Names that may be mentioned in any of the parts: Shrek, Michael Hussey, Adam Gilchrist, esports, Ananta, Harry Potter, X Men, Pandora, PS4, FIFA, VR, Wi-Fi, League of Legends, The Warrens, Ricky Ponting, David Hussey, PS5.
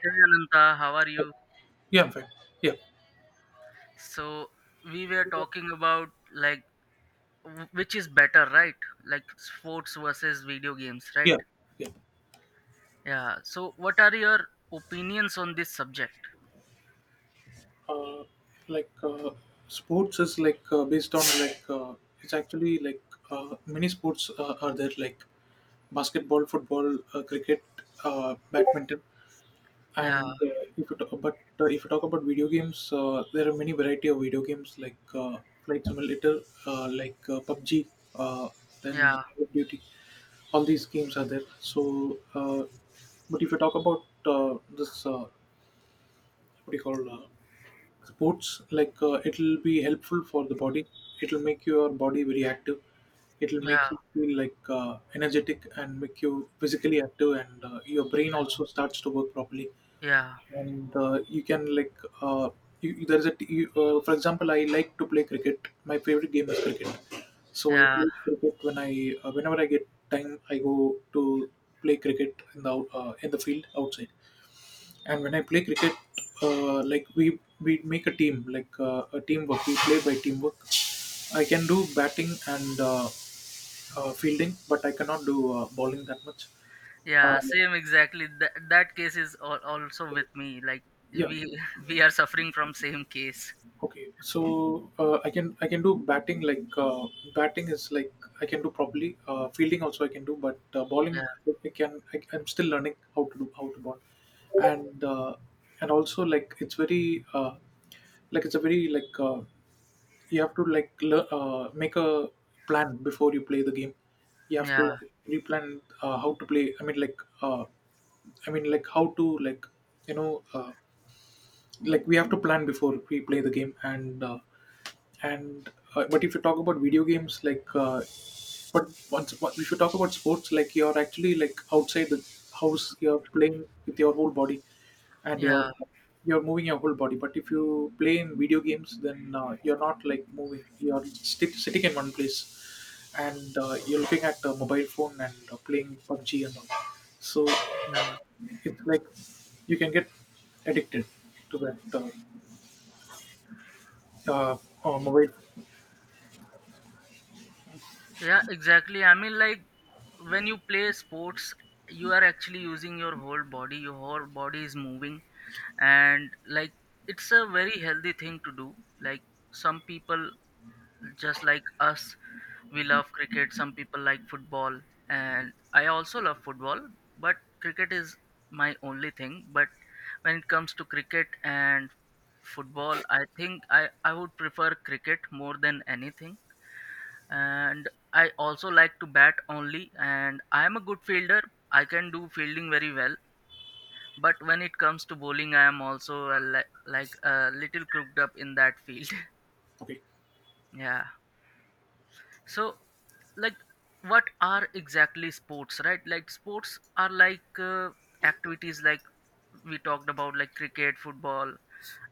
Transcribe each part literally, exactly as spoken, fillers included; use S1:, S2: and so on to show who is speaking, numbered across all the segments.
S1: Hey Ananta, how are you?
S2: Yeah, I'm fine. Yeah,
S1: So we were talking about like w- which is better, right? Like sports versus video games, right?
S2: yeah, yeah.
S1: Yeah. So what are your opinions on this subject?
S2: Uh, like uh, sports is like uh, based on like uh, it's actually like uh, many sports uh, are there like basketball, football, uh, cricket, uh, badminton,
S1: Yeah,
S2: and uh, if you talk, but uh, if you talk about video games, uh, there are many variety of video games like uh, Flight Simulator, uh, like uh, P U B G, uh, then
S1: yeah,
S2: Call of Duty. All these games are there. So. Uh, but if you talk about uh, this uh, what do you call uh, sports, like uh, it'll be helpful for the body, it'll make your body very active, it'll make
S1: yeah,
S2: you feel like uh, energetic and make you physically active, and uh, your brain also starts to work properly,
S1: yeah,
S2: and uh, you can like uh, you, you- there is a t- you, uh, for example, I like to play cricket. My favorite game is cricket, so I
S1: yeah,
S2: play cricket when i uh, whenever I get time. I go to play cricket in the out- uh, in the field outside, and when I play cricket, uh, like we we make a team, like uh, a teamwork. We play by teamwork. I can do batting and uh, uh, fielding, but I cannot do uh, bowling that much. Uh,
S1: yeah. Same exactly. That that case is al- also with me. Like
S2: yeah.
S1: we we are suffering from same case.
S2: Okay. So uh, I can I can do batting. Like uh, batting is like I can do properly. Uh, fielding also I can do, but uh, bowling
S1: Yeah,
S2: I can I, I'm still learning how to do how to bowl, and uh, and also like it's very uh, like it's a very like. Uh, You have to like lear- uh, make a plan before you play the game. You have to
S1: yeah,
S2: pre-plan uh, how to play. I mean, like, uh, I mean, like how to like you know, uh, like we have to plan before we play the game, and uh, and uh, but if you talk about video games like uh, but once, what if you talk about sports? Like you're actually like outside the house, you're playing with your whole body, and you're
S1: yeah,
S2: you're moving your whole body. But if you play in video games, then uh, you're not like moving, you're sti- sitting in one place, and uh, you're looking at the mobile phone and uh, playing P U B G and all. So
S1: yeah.
S2: it's like you can get addicted to that uh, uh, uh, mobile.
S1: Yeah, exactly. I mean, like when you play sports, you are actually using your whole body, your whole body is moving, and like it's a very healthy thing to do. Like some people, just like us, we love cricket, some people like football, and I also love football, but cricket is my only thing. But when it comes to cricket and football, I think i i would prefer cricket more than anything. And I also like to bat only, and I am a good fielder. I can do fielding very well, but when it comes to bowling, I am also a li- like a little crooked up in that field.
S2: Okay.
S1: Yeah. So like what are exactly sports, right? Like sports are like uh, activities like we talked about like cricket, football,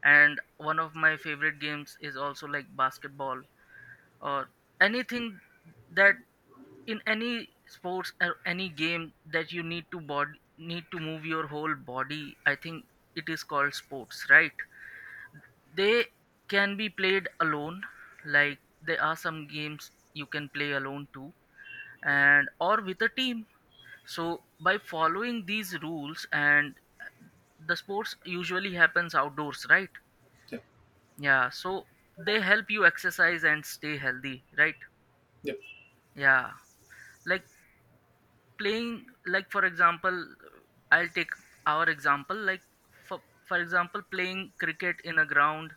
S1: and one of my favorite games is also like basketball, or anything that in any sports or any game that you need to body need to move your whole body, I think it is called sports, right? They can be played alone, like there are some games you can play alone too, and or with a team. So by following these rules, and the sports usually happens outdoors, right?
S2: Yeah,
S1: Yeah, so they help you exercise and stay healthy, right?
S2: yeah.
S1: Yeah. Like playing, like for example, I'll take our example, like for, for example, playing cricket in a ground,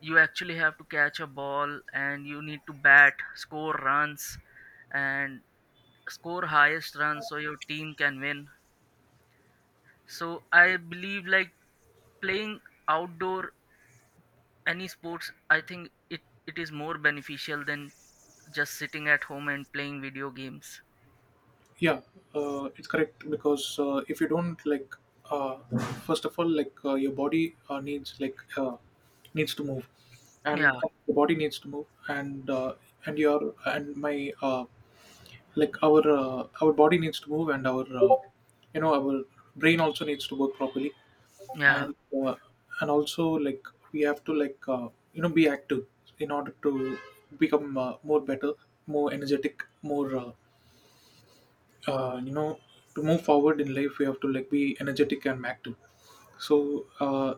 S1: you actually have to catch a ball and you need to bat, score runs, and score highest runs so your team can win. So I believe like playing outdoor any sports, I think it it is more beneficial than just sitting at home and playing video games.
S2: Yeah, uh, it's correct, because uh, if you don't like, uh, first of all, like uh, your body uh, needs like uh, needs to move, and
S1: Yeah
S2: uh, the body needs to move, and uh, and your and my uh, like our uh, our body needs to move, and our uh, you know, our brain also needs to work properly,
S1: yeah
S2: and uh, and also like we have to like uh, you know, be active in order to become uh, more better, more energetic, more. Uh, uh, you know, to move forward in life we have to like be energetic and active. So uh,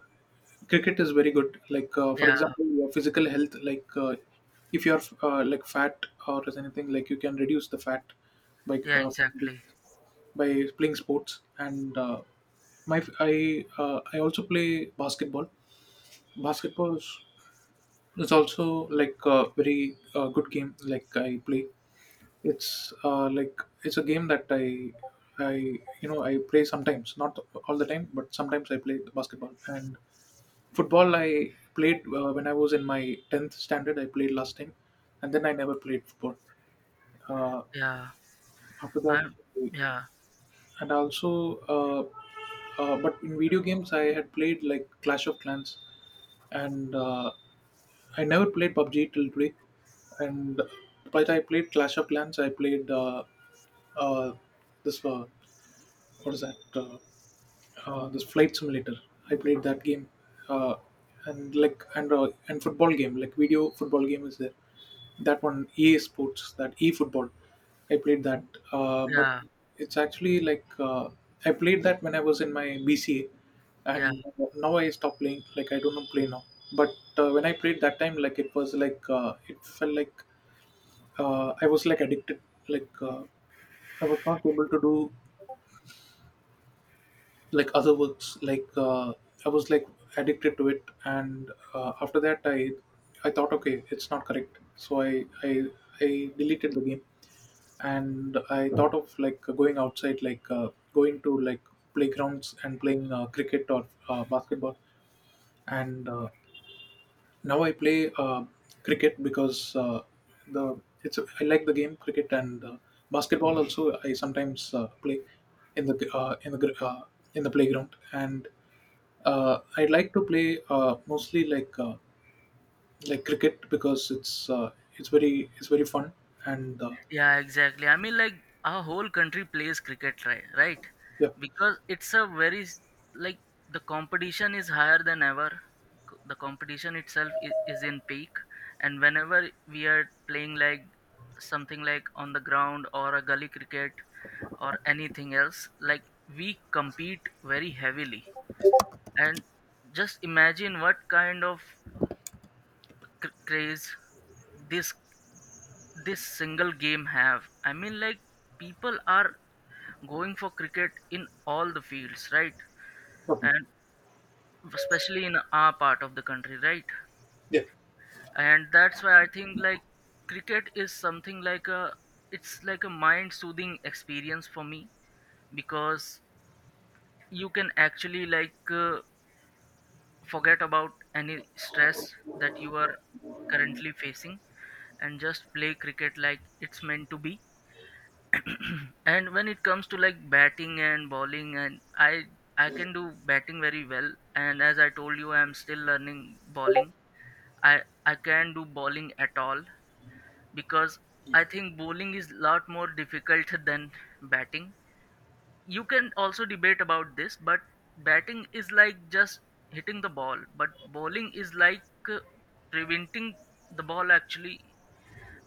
S2: cricket is very good, like uh, for
S1: yeah
S2: example, your physical health. Like uh, if you're uh, like fat or as anything, like, you can reduce the fat by
S1: yeah
S2: uh,
S1: exactly
S2: by playing sports. And uh, my I uh, I also play basketball. Basketball is is also like a very uh, good game. Like I play it's uh, like It's a game that I I you know, I play sometimes, not all the time, but sometimes I play basketball and football. I played uh, when I was in my tenth standard. I played last time, and then I never played football. Uh,
S1: yeah
S2: After that,
S1: I'm yeah,
S2: and also uh, uh, but in video games I had played like Clash of Clans, and uh, I never played P U B G till today. And but I played Clash of Clans. I played uh, uh, this. Uh, what is that? Uh, uh, this flight simulator. I played that game, uh, and like and uh, and football game, like video football game is there. That one E A Sports, that E football. I played that, uh, but
S1: yeah,
S2: it's actually like uh, I played that when I was in my B C A,
S1: yeah,
S2: and now I stopped playing. Like I do not play now. But uh, when I played that time, like it was like uh, it felt like uh, I was like addicted. Like uh, I was not able to do like other works, like uh, I was like addicted to it. And uh, after that, i i thought okay, it's not correct, so i i i deleted the game, and I thought of like going outside, like uh, going to like playgrounds and playing uh, cricket or uh, basketball. And uh, now I play uh, cricket because uh, the it's, I like the game cricket. And uh, basketball also I sometimes uh, play in the uh, in the gr- uh, in the playground. And uh, I like to play uh, mostly like uh, like cricket because it's uh, it's very, it's very fun. And uh,
S1: yeah, exactly. I mean, like our whole country plays cricket, right? Right?
S2: Yeah.
S1: Because it's a very s- like the competition is higher than ever. C- The competition itself is, is in peak, and whenever we are playing like something like on the ground or a gully cricket or anything else, like we compete very heavily. And just imagine what kind of cr- craze this this single game have. I mean like people are going for cricket in all the fields, right?
S2: Okay.
S1: And especially in our part of the country, right?
S2: Yeah.
S1: And that's why I think like cricket is something like a, it's like a mind soothing experience for me, because you can actually like uh, forget about any stress that you are currently facing and just play cricket like it's meant to be. And when it comes to like batting and bowling, and I I can do batting very well. And as I told you, I'm still learning bowling. I I can't do bowling at all because I think bowling is lot more difficult than batting. You can also debate about this, but batting is like just hitting the ball, but bowling is like uh, preventing the ball, actually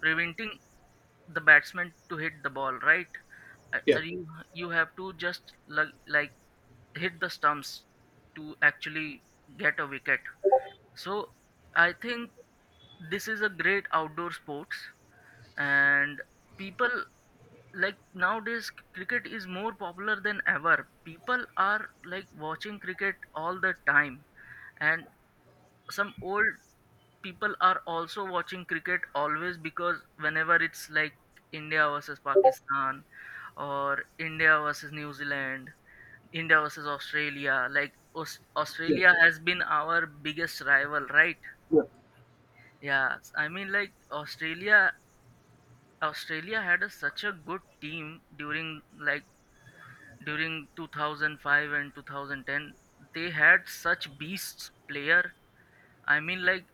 S1: preventing the batsman to hit the ball, right? Uh,
S2: Yeah.
S1: uh, you you have to just like like hit the stumps to actually get a wicket. So I think this is a great outdoor sports. And people like nowadays, c- cricket is more popular than ever, people are like watching cricket all the time. And some old people are also watching cricket always, because whenever it's like India versus Pakistan, or India versus New Zealand, India versus Australia. Like Aus-
S2: Yeah.
S1: Australia has been our biggest rival, right?
S2: Yeah.
S1: Yeah, s- I mean like Australia. Australia had a such a good team during like during two thousand five and twenty ten. They had such beasts player. I mean like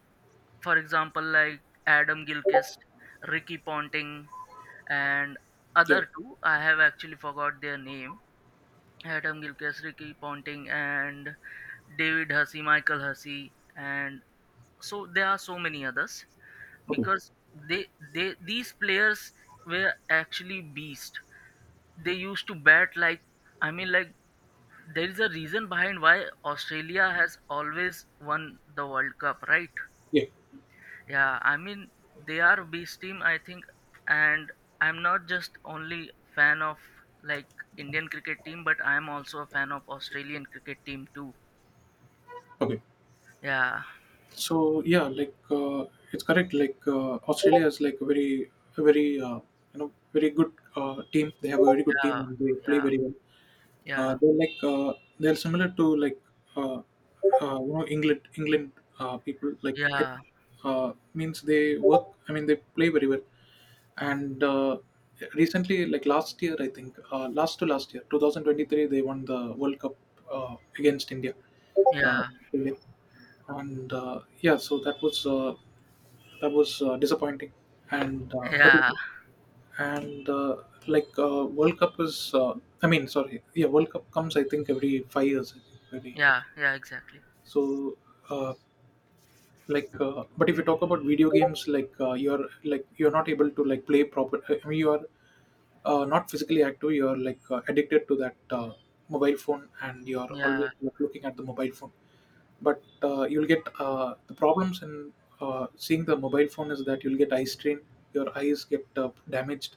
S1: for example like Adam Gilchrist, Ricky Ponting, and
S2: Yeah.
S1: other two. I have actually forgot their name. Adam Gilchrist, Ricky Ponting, and David Hussey, Michael Hussey, and so there are so many others
S2: Okay.
S1: because they they these players were actually beast. They used to bat like, I mean like, there is a reason behind why Australia has always won the World Cup, right?
S2: Yeah.
S1: Yeah, I mean they are beast team I think. And I'm not just only fan of like Indian cricket team, but I'm also a fan of Australian cricket team too.
S2: Okay.
S1: Yeah.
S2: So yeah, like uh, it's correct, like uh, Australia is like a very, a very uh, you know, very good uh, team. They have a very good team and they play
S1: Yeah.
S2: very well. Uh,
S1: Yeah.
S2: they're like uh, they're similar to like uh, uh, you know, England England uh, people. Like
S1: Yeah.
S2: I,
S1: Yeah.
S2: uh, means they work. I mean, they play very well. And uh, recently, like last year, I think uh, last to last year, twenty twenty-three, they won the World Cup uh, against India. Uh,
S1: Yeah.
S2: and uh, Yeah, so that was uh, that was uh, disappointing. And uh, but
S1: Yeah.
S2: and uh, like uh, World Cup is, uh, I mean, sorry, yeah, World Cup comes, I think, every five years. I think, every,
S1: Yeah. Yeah, exactly.
S2: so uh, like, uh, but if you talk about video games, like uh, you're like, you're not able to like play proper. I mean, you are uh, not physically active, you're like uh, addicted to that uh, mobile phone, and you're always
S1: Yeah.
S2: looking at the mobile phone. But uh, you'll get uh, the problems in uh, seeing the mobile phone is that you'll get eye strain, your eyes get uh, damaged,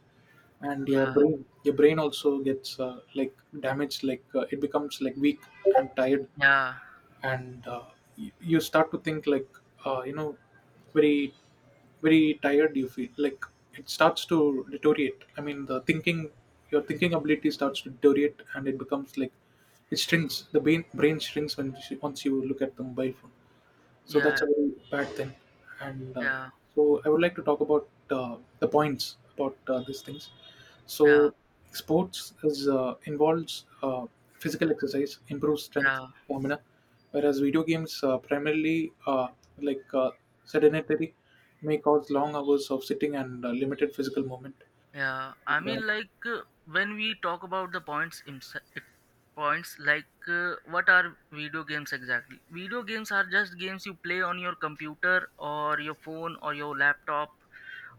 S2: and your
S1: Yeah.
S2: brain your brain also gets uh, like damaged, like uh, it becomes like weak and tired.
S1: Yeah.
S2: And uh, y- you start to think like uh, you know, very, very tired you feel like. It starts to deteriorate, I mean, the thinking, your thinking ability starts to deteriorate, and it becomes like it shrinks the brain. Brain shrinks when you, once you look at the mobile phone. So that's
S1: Yeah.
S2: a very bad thing. And uh,
S1: Yeah.
S2: so I would like to talk about uh, the points about uh, these things.
S1: Yeah.
S2: So sports is uh, involves uh, physical exercise, improves strength,
S1: Yeah.
S2: stamina, whereas video games uh, primarily uh, like uh, sedentary, may cause long hours of sitting and uh, limited physical movement.
S1: Yeah, I
S2: And, uh,
S1: mean, like uh, when we talk about the points, imse- it- points like uh, what are video games exactly? Video games are just games you play on your computer or your phone or your laptop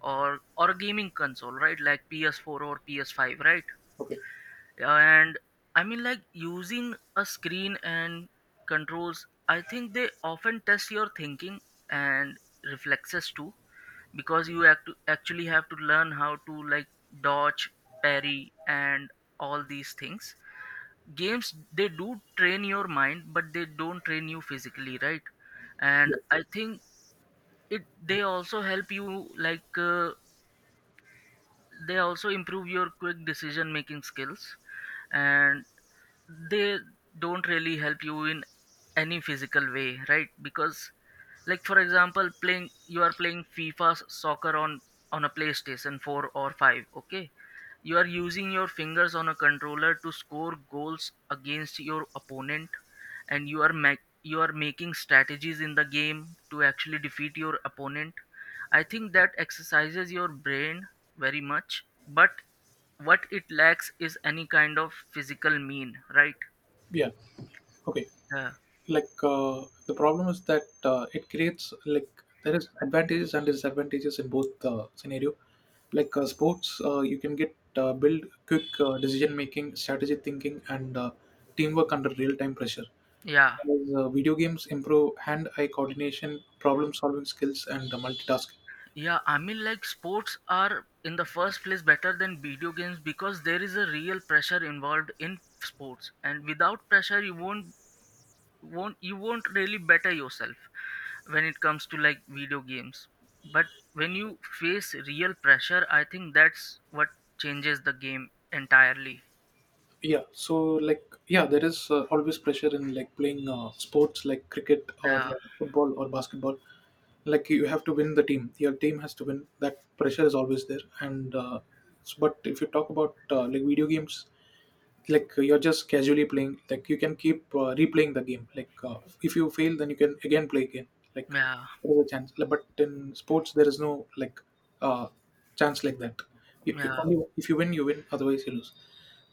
S1: or or a gaming console, right? Like P S four or P S five, right?
S2: okay,
S1: And I mean like using a screen and controls, I think they often test your thinking and reflexes too, because you act- actually have to learn how to like dodge, parry, and all these things. Games they do train your mind but they don't train you physically, right? And I think it they also help you like uh, they also improve your quick decision making skills. And they don't really help you in any physical way, right? Because like for example, playing, you are playing FIFA s- soccer on on a playstation four or five, okay? You are using your fingers on a controller to score goals against your opponent, and you are ma- you are making strategies in the game to actually defeat your opponent. I think that exercises your brain very much, but what it lacks is any kind of physical mean, right?
S2: yeah, okay.
S1: Yeah.
S2: like uh, the problem is that uh, it creates like, there is advantages and disadvantages in both uh, scenario. like uh, sports, uh, you can get uh, build quick uh, decision making, strategy thinking, and uh, teamwork under real time pressure.
S1: Yeah.
S2: Whereas, uh, video games improve hand eye coordination, problem solving skills, and uh, multitasking.
S1: Yeah, I mean, like sports are in the first place better than video games, because there is a real pressure involved in sports, and without pressure, you won't won't you won't really better yourself when it comes to like video games. But when you face real pressure, I think that's what changes the game entirely.
S2: Yeah, so like yeah, there is uh, always pressure in like playing uh, sports like cricket or
S1: Yeah.
S2: uh, football or basketball. like you have to win the team, your team has to win, that pressure is always there. And uh, s- but if you talk about uh, like video games, like you're just casually playing, like you can keep uh, replaying the game, like uh, if you fail, then you can again play again. like
S1: Yeah,
S2: there is a chance. Like, but in sports there is no like uh, chance like that. If you,
S1: yeah,
S2: only if you win, you win, otherwise you lose.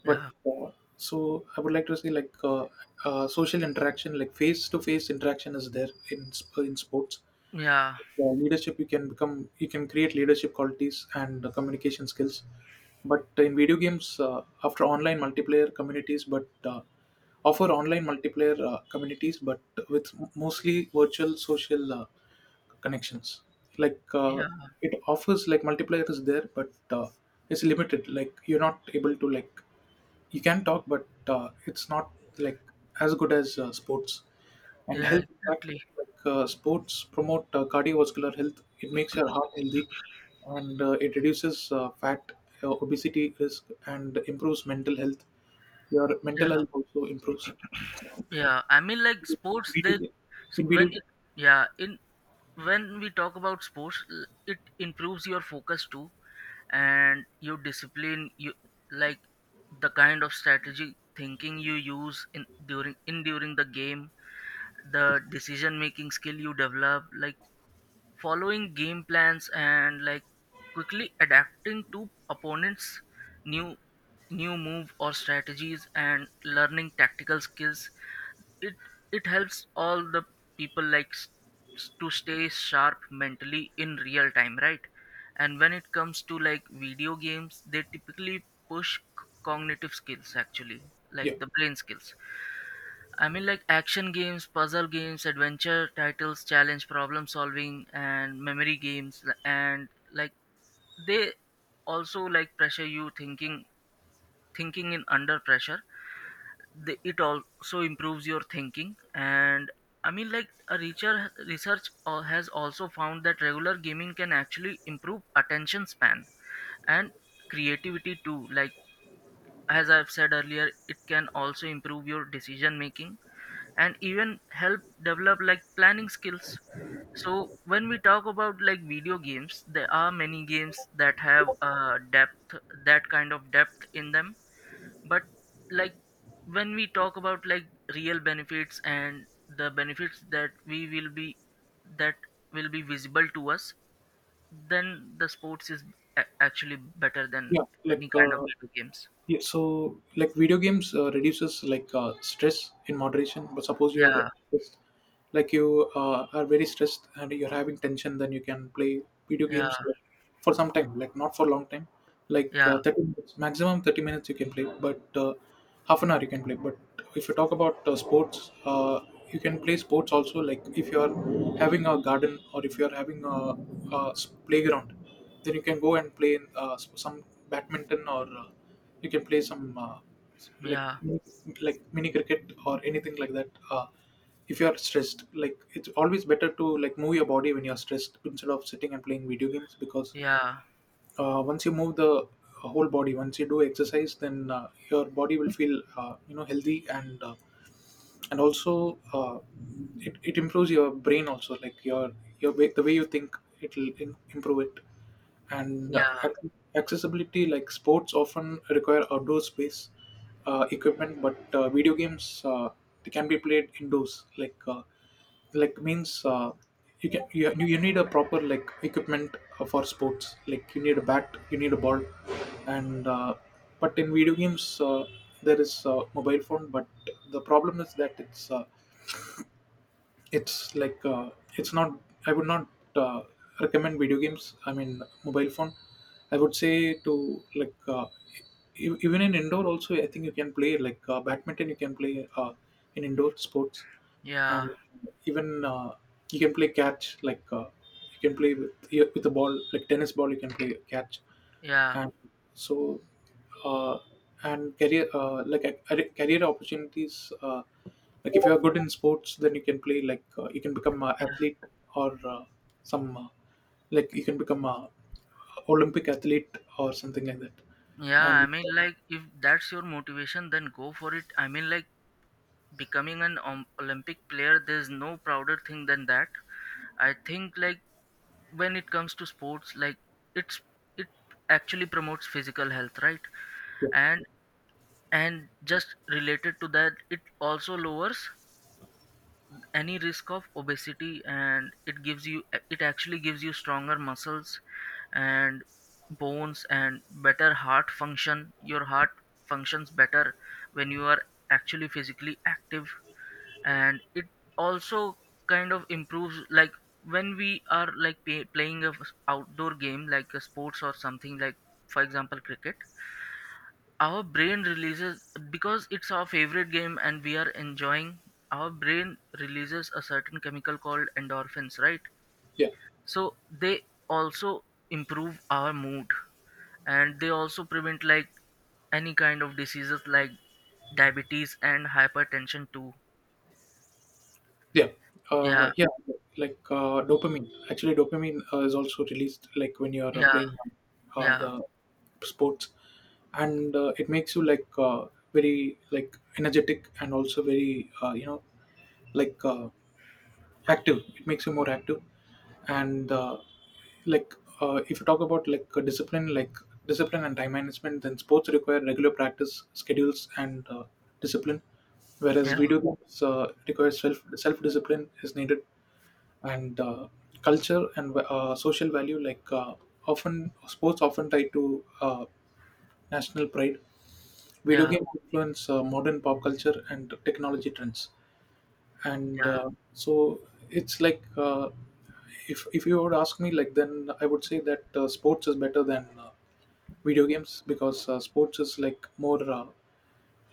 S2: But
S1: yeah,
S2: uh, so I would like to say like uh, uh, social interaction, like face to face interaction is there in sp- in sports.
S1: yeah,
S2: Uh, leadership, you can become, you can create leadership qualities and uh, communication skills. But in video games, uh, after online multiplayer communities but uh, offer online multiplayer uh, communities, but with mostly virtual social uh, connections. like uh,
S1: yeah,
S2: it offers like multiplayer is there, but uh, it's limited, like you're not able to like, you can talk, but uh, it's not like as good as uh, sports. And
S1: yeah,
S2: health impact,
S1: exactly.
S2: like uh, sports promote uh, cardiovascular health. It makes your heart healthy, and uh, it reduces uh, fat, uh, obesity risk, and improves mental health. Your
S1: Yeah,
S2: mental health also improves.
S1: yeah. I mean, like sports,
S2: Video
S1: they
S2: game. In
S1: when
S2: video game,
S1: it, yeah, in when we talk about sports, l- it improves your focus too, and your discipline. You like the kind of strategy thinking you use in during in during the game, the decision making skill you develop, like following game plans and like quickly adapting to opponents new new move or strategies and learning tactical skills. It it helps all the people like s- s- to stay sharp mentally in real time, right? And when it comes to like video games, they typically push c- cognitive skills actually,
S2: yeah,
S1: like the brain skills. I mean, like action games, puzzle games, adventure titles, challenge, problem solving, and memory games, and like they also like pressure you thinking, thinking in under pressure. They, it also improves your thinking. And I mean, like a research research al- has also found that regular gaming can actually improve attention span and creativity too. Like as I've said earlier, it can also improve your decision making and even help develop like planning skills. So when we talk about like video games, there are many games that have uh, depth, that kind of depth in them. But like when we talk about like real benefits and the benefits that we will be that will be visible to us, then the sports is a- actually better than
S2: yeah, like
S1: any kind of
S2: uh,
S1: video games.
S2: yeah, so like video games uh, reduces like uh, stress in moderation. But suppose you're uh,
S1: Yeah
S2: just like you uh, are very stressed and you're having tension, then you can play video
S1: yeah
S2: games for some time, like not for long time like
S1: yeah
S2: uh, thirty minutes, maximum thirty minutes you can play, but uh, half an hour you can play. But if you talk about uh, sports, uh, you can play sports also, like if you are having a garden or if you are having a, a s- playground, then you can go and play in, uh, s- some badminton, or uh, you can play some uh, s- like
S1: yeah
S2: like mini cricket or anything like that. Uh, if you are stressed, like it's always better to like move your body when you're stressed instead of sitting and playing video games, because
S1: yeah
S2: uh, once you move the uh, whole body, once you do exercise, then uh, your body will feel uh, you know, healthy and uh, and also uh, it, it improves your brain also, like your your way, the way you think, it'll im- improve it. And
S1: yeah
S2: uh, ac- accessibility, like sports often require outdoor space, uh, equipment, but uh, video games, uh, they can be played indoors, like uh, like means uh, you can you, you need a proper like equipment uh, for sports, like you need a bat, you need a ball. And uh, But in video games, uh, there is a mobile phone, but the problem is that it's uh, it's like uh, it's not, I would not uh, recommend video games, I mean mobile phone. I would say to like uh, e- even in indoor also I think you can play like uh, badminton, you can play uh, in indoor sports.
S1: yeah
S2: And even uh, you can play catch, like uh, you can play with with a ball, like tennis ball, you can play catch.
S1: yeah
S2: And so uh, and career, uh, like a, a- career opportunities, uh, like if you are good in sports, then you can play like uh, you can become an
S1: Yeah,
S2: athlete, or uh, some uh, like you can become a olympic athlete or something like that.
S1: yeah, I
S2: And
S1: mean, like, if that's your motivation, then go for it. I mean, like, becoming an Om- Olympic player, there's no prouder thing than that. I think, like, when it comes to sports, like, it's it actually promotes physical health, right? And and just related to that, it also lowers any risk of obesity and it gives you, it actually gives you stronger muscles and bones and better heart function. Your heart functions better when you are actually physically active. And it also kind of improves like when we are like pay, playing a f- outdoor game like a sports or something like for example cricket, our brain releases, because it's our favorite game and we are enjoying, our brain releases a certain chemical called endorphins, right?
S2: yeah,
S1: So they also improve our mood and they also prevent like any kind of diseases like diabetes and hypertension too.
S2: yeah, uh,
S1: yeah
S2: yeah like uh, dopamine, actually dopamine uh, is also released like when you are uh,
S1: yeah
S2: playing uh,
S1: yeah
S2: the sports. And uh, it makes you like uh, very like energetic and also very uh, you know, like uh, active, it makes you more active. And uh, like uh, if you talk about like uh, discipline, like discipline and time management, then sports require regular practice schedules and uh, discipline, whereas
S1: yeah
S2: video games uh, require self self discipline is needed. And uh, culture and uh, social value, like uh, often sports often tied to uh, national pride. Video
S1: yeah
S2: games influence uh, modern pop culture and technology trends. and
S1: yeah
S2: uh, so it's like uh, if if you would ask me, like then I would say that uh, sports is better than uh, video games, because uh, sports is like more uh,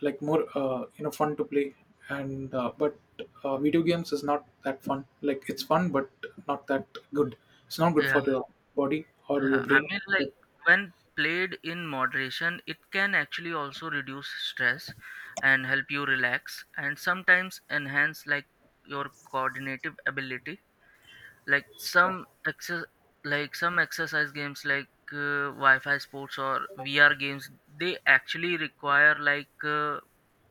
S2: like more uh, you know, fun to play. And uh, but uh, video games is not that fun, like it's fun but not that good. It's not good
S1: yeah
S2: for your body or your
S1: Yeah, I
S2: brain.
S1: mean, like when played in moderation, it can actually also reduce stress and help you relax and sometimes enhance like your coordinative ability. Like some exer like some exercise games like uh, Wi-Fi sports or V R games, they actually require like uh,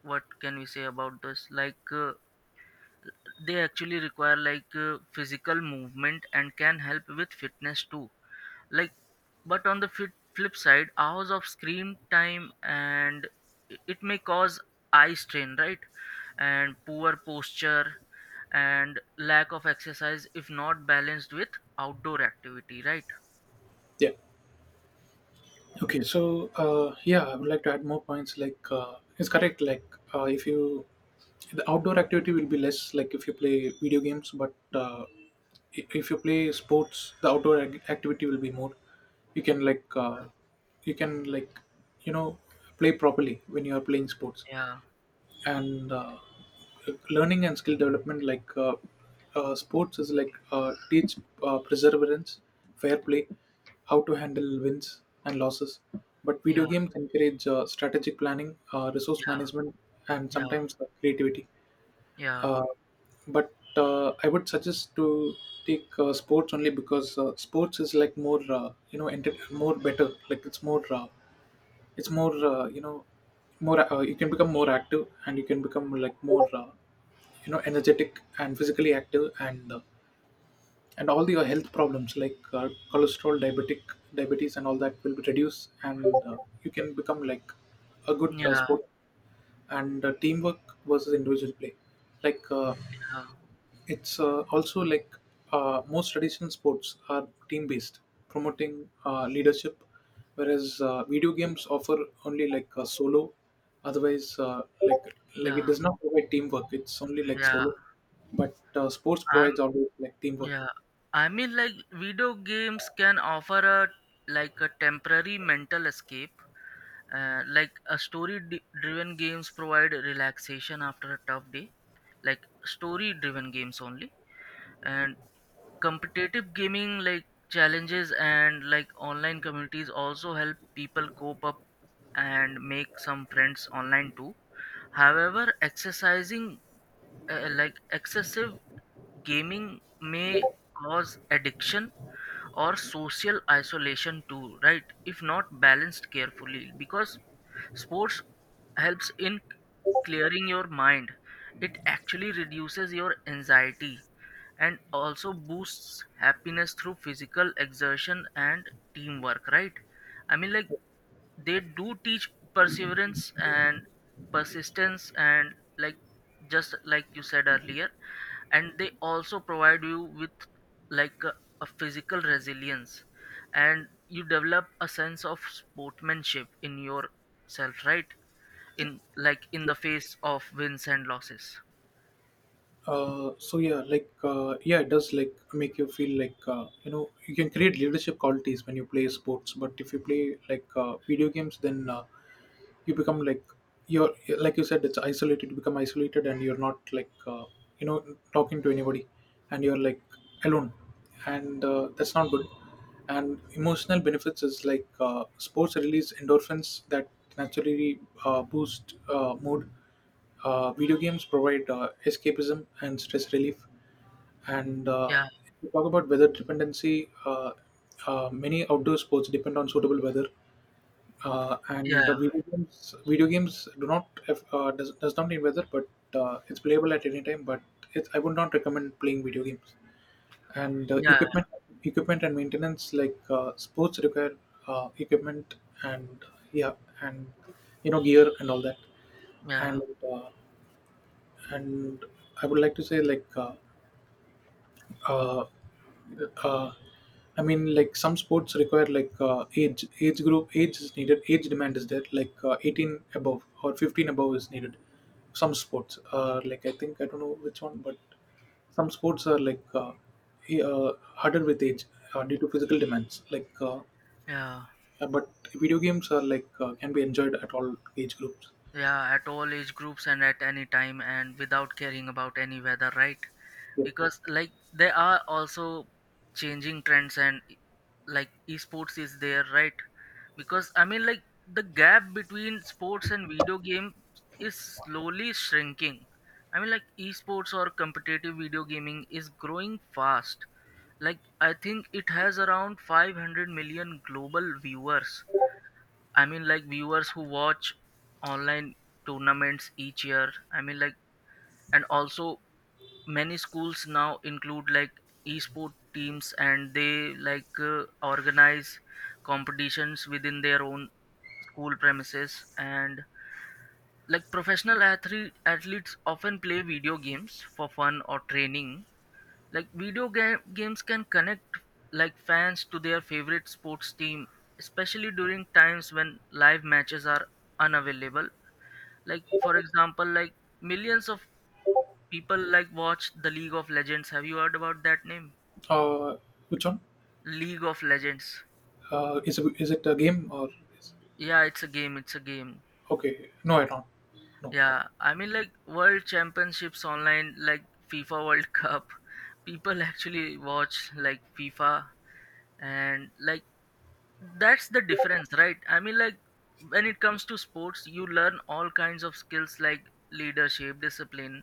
S1: what can we say about this? Like uh, they actually require like uh, physical movement and can help with fitness too, like. But on the flip, flip side, hours of screen time and i- it may cause eye strain, right, and poor posture and lack of exercise if not balanced with outdoor activity, right?
S2: Yeah. Okay, so uh, yeah, I would like to add more points. Like, uh, it's correct. Like, uh, if you the outdoor activity will be less, like if you play video games, but uh, i- if you play sports, the outdoor ac- activity will be more. You can like, uh, you can like, you know, play properly when you are playing sports.
S1: Yeah,
S2: And uh, learning and skill development, like uh, uh, sports is like uh, teach uh, perseverance, fair play, how to handle wins and losses. But video
S1: yeah,
S2: games encourage uh, strategic planning, uh, resource
S1: yeah,
S2: management, and
S1: yeah,
S2: sometimes uh, creativity.
S1: yeah,
S2: Uh, but uh, I would suggest to take uh, sports only, because uh, sports is like more, uh, you know, enter- more better. Like it's more, uh, it's more uh, you know, more, uh, you can become more active, and you can become like more, uh, you know, energetic and physically active. And uh, and all your health problems like uh, cholesterol, diabetic diabetes and all that will be reduced. And uh, you can become like a good uh,
S1: yeah,
S2: sport. And uh, teamwork versus individual play, like uh,
S1: yeah,
S2: it's uh, also like uh, most traditional sports are team based, promoting uh, leadership, whereas uh, video games offer only like a solo. Otherwise, uh, like like it
S1: yeah,
S2: does not provide teamwork. It's only like
S1: yeah,
S2: solo, but uh, sports
S1: I
S2: provides always like teamwork.
S1: yeah, I mean, like, video games can offer a, like a temporary mental escape, uh, like a story d- driven games provide relaxation after a tough day, like story driven games only. And competitive gaming, like challenges and like online communities, also help people cope up and make some friends online too. However, exercising, uh, like excessive gaming, may cause addiction or social isolation too, right, if not balanced carefully, because sports helps in clearing your mind. It actually reduces your anxiety and also boosts happiness through physical exertion and teamwork, right? I mean, like, they do teach perseverance and persistence and, like, just like you said earlier. And they also provide you with like a, a physical resilience, and you develop a sense of sportsmanship in yourself, right, in like in the face of wins and losses.
S2: Uh, so yeah, like uh, yeah, it does like make you feel like uh, you know, you can create leadership qualities when you play sports. But if you play like uh, video games, then uh, you become like you're, like you said, it's isolated, you become isolated, and you're not like uh, you know, talking to anybody, and you're like alone. And uh, that's not good. And emotional benefits is like uh, sports release endorphins that naturally uh, boost uh, mood. Uh, video games provide uh, escapism and stress relief. And uh,
S1: Yeah,
S2: if you talk about weather dependency, uh, uh, many outdoor sports depend on suitable weather. Uh, and the
S1: yeah,
S2: video games, video games do not have- uh, does, does not need weather. But uh, it's playable at any time, but it's, I would not recommend playing video games. And uh,
S1: yeah,
S2: equipment, equipment and maintenance, like uh, sports require uh, equipment and, yeah, and you know, gear and all that.
S1: yeah,
S2: And uh, and I would like to say like uh, uh, uh, I mean, like some sports require like uh, age age group age is needed. Age demand is there. Like uh, eighteen above or fifteen above is needed. Some sports, uh, like I think I don't know which one, but some sports are like uh, e- uh, harder with age uh, due to physical demands. Like, uh,
S1: yeah,
S2: uh, but video games are like uh, can be enjoyed at all age groups.
S1: yeah, at all age groups and at any time and without caring about any weather, right?
S2: Yeah.
S1: Because, like, there are also changing trends and like esports is there, right? Because I mean, like, the gap between sports and video game is slowly shrinking. I mean, like, esports or competitive video gaming is growing fast. Like, I think it has around five hundred million global viewers. I mean, like, viewers who watch online tournaments each year. I mean, like, and also many schools now include like esport teams, and they like uh, organize competitions within their own school premises. And like professional athlete athletes often play video games for fun or training. Like video game, games can connect like fans to their favorite sports team, especially during times when live matches are unavailable. Like, for example, like, millions of people like watch the League of Legends. Have you heard about that name?
S2: Uh, which one?
S1: League of Legends.
S2: Uh, is it, is it a game or? Is,
S1: Yeah, it's a game, it's a game.
S2: okay, no, I don't. No.
S1: Yeah, I mean, like, world championships online, like FIFA world cup. People actually watch like FIFA. And like, that's the difference, right? I mean, like, when it comes to sports you learn all kinds of skills, like leadership, discipline,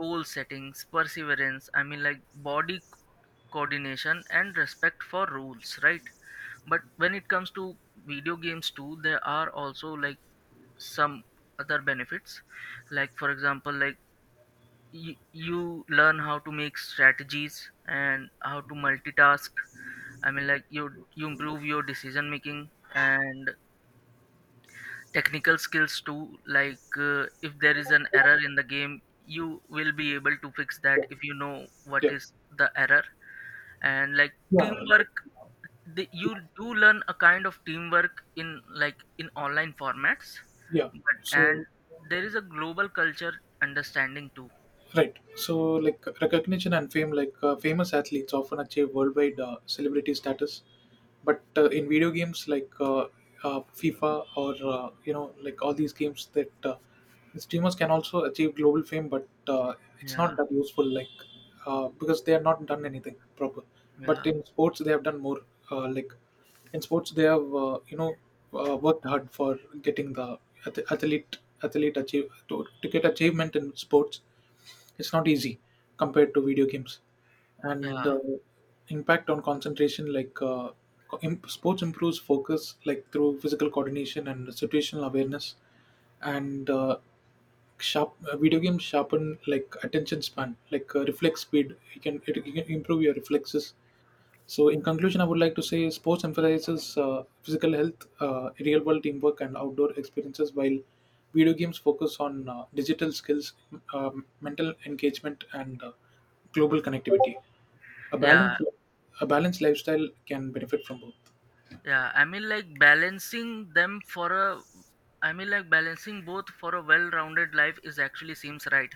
S1: goal settings, perseverance, I mean, like, body c- coordination and respect for rules, right? But when it comes to video games too, there are also like some other benefits. Like, for example, like, you, you learn how to make strategies and how to multitask. I mean, like, you you improve your decision making and technical skills too. Like, uh, if there is an error in the game you will be able to fix that if you know what
S2: Yeah.
S1: is the error. And like
S2: Yeah.
S1: teamwork, the,
S2: Yeah.
S1: you do learn a kind of teamwork in like in online formats.
S2: Yeah.
S1: But and
S2: So,
S1: there is a global culture understanding too.
S2: right. So, like recognition and fame, like uh, famous athletes often achieve worldwide uh, celebrity status, but uh, in video games like uh, uh, FIFA, or uh, you know, like all these games that uh, streamers can also achieve global fame, but uh, it's
S1: Yeah,
S2: not that useful, like uh, because they have not done anything proper. But
S1: yeah,
S2: in sports, they have done more. Uh, like in sports, they have uh, you know, uh, worked hard for getting the ath- athlete athlete achieve to, to get achievement in sports, it's not easy compared to video games.
S1: yeah,
S2: And the impact on concentration, like uh, co- im- sports improves focus, like through physical coordination and situational awareness. And uh, sharp uh, video games sharpen like attention span, like uh, reflex speed. You can it, you can improve your reflexes. So, in conclusion, I would like to say sports emphasizes uh, physical health, uh, real world teamwork, and outdoor experiences, while video games focus on uh, digital skills, um, mental engagement, and uh, global connectivity. A
S1: yeah,
S2: balance, a balanced lifestyle can benefit from both.
S1: yeah. I mean, like, balancing them for a, I mean, like, balancing both for a well-rounded life is actually seems right.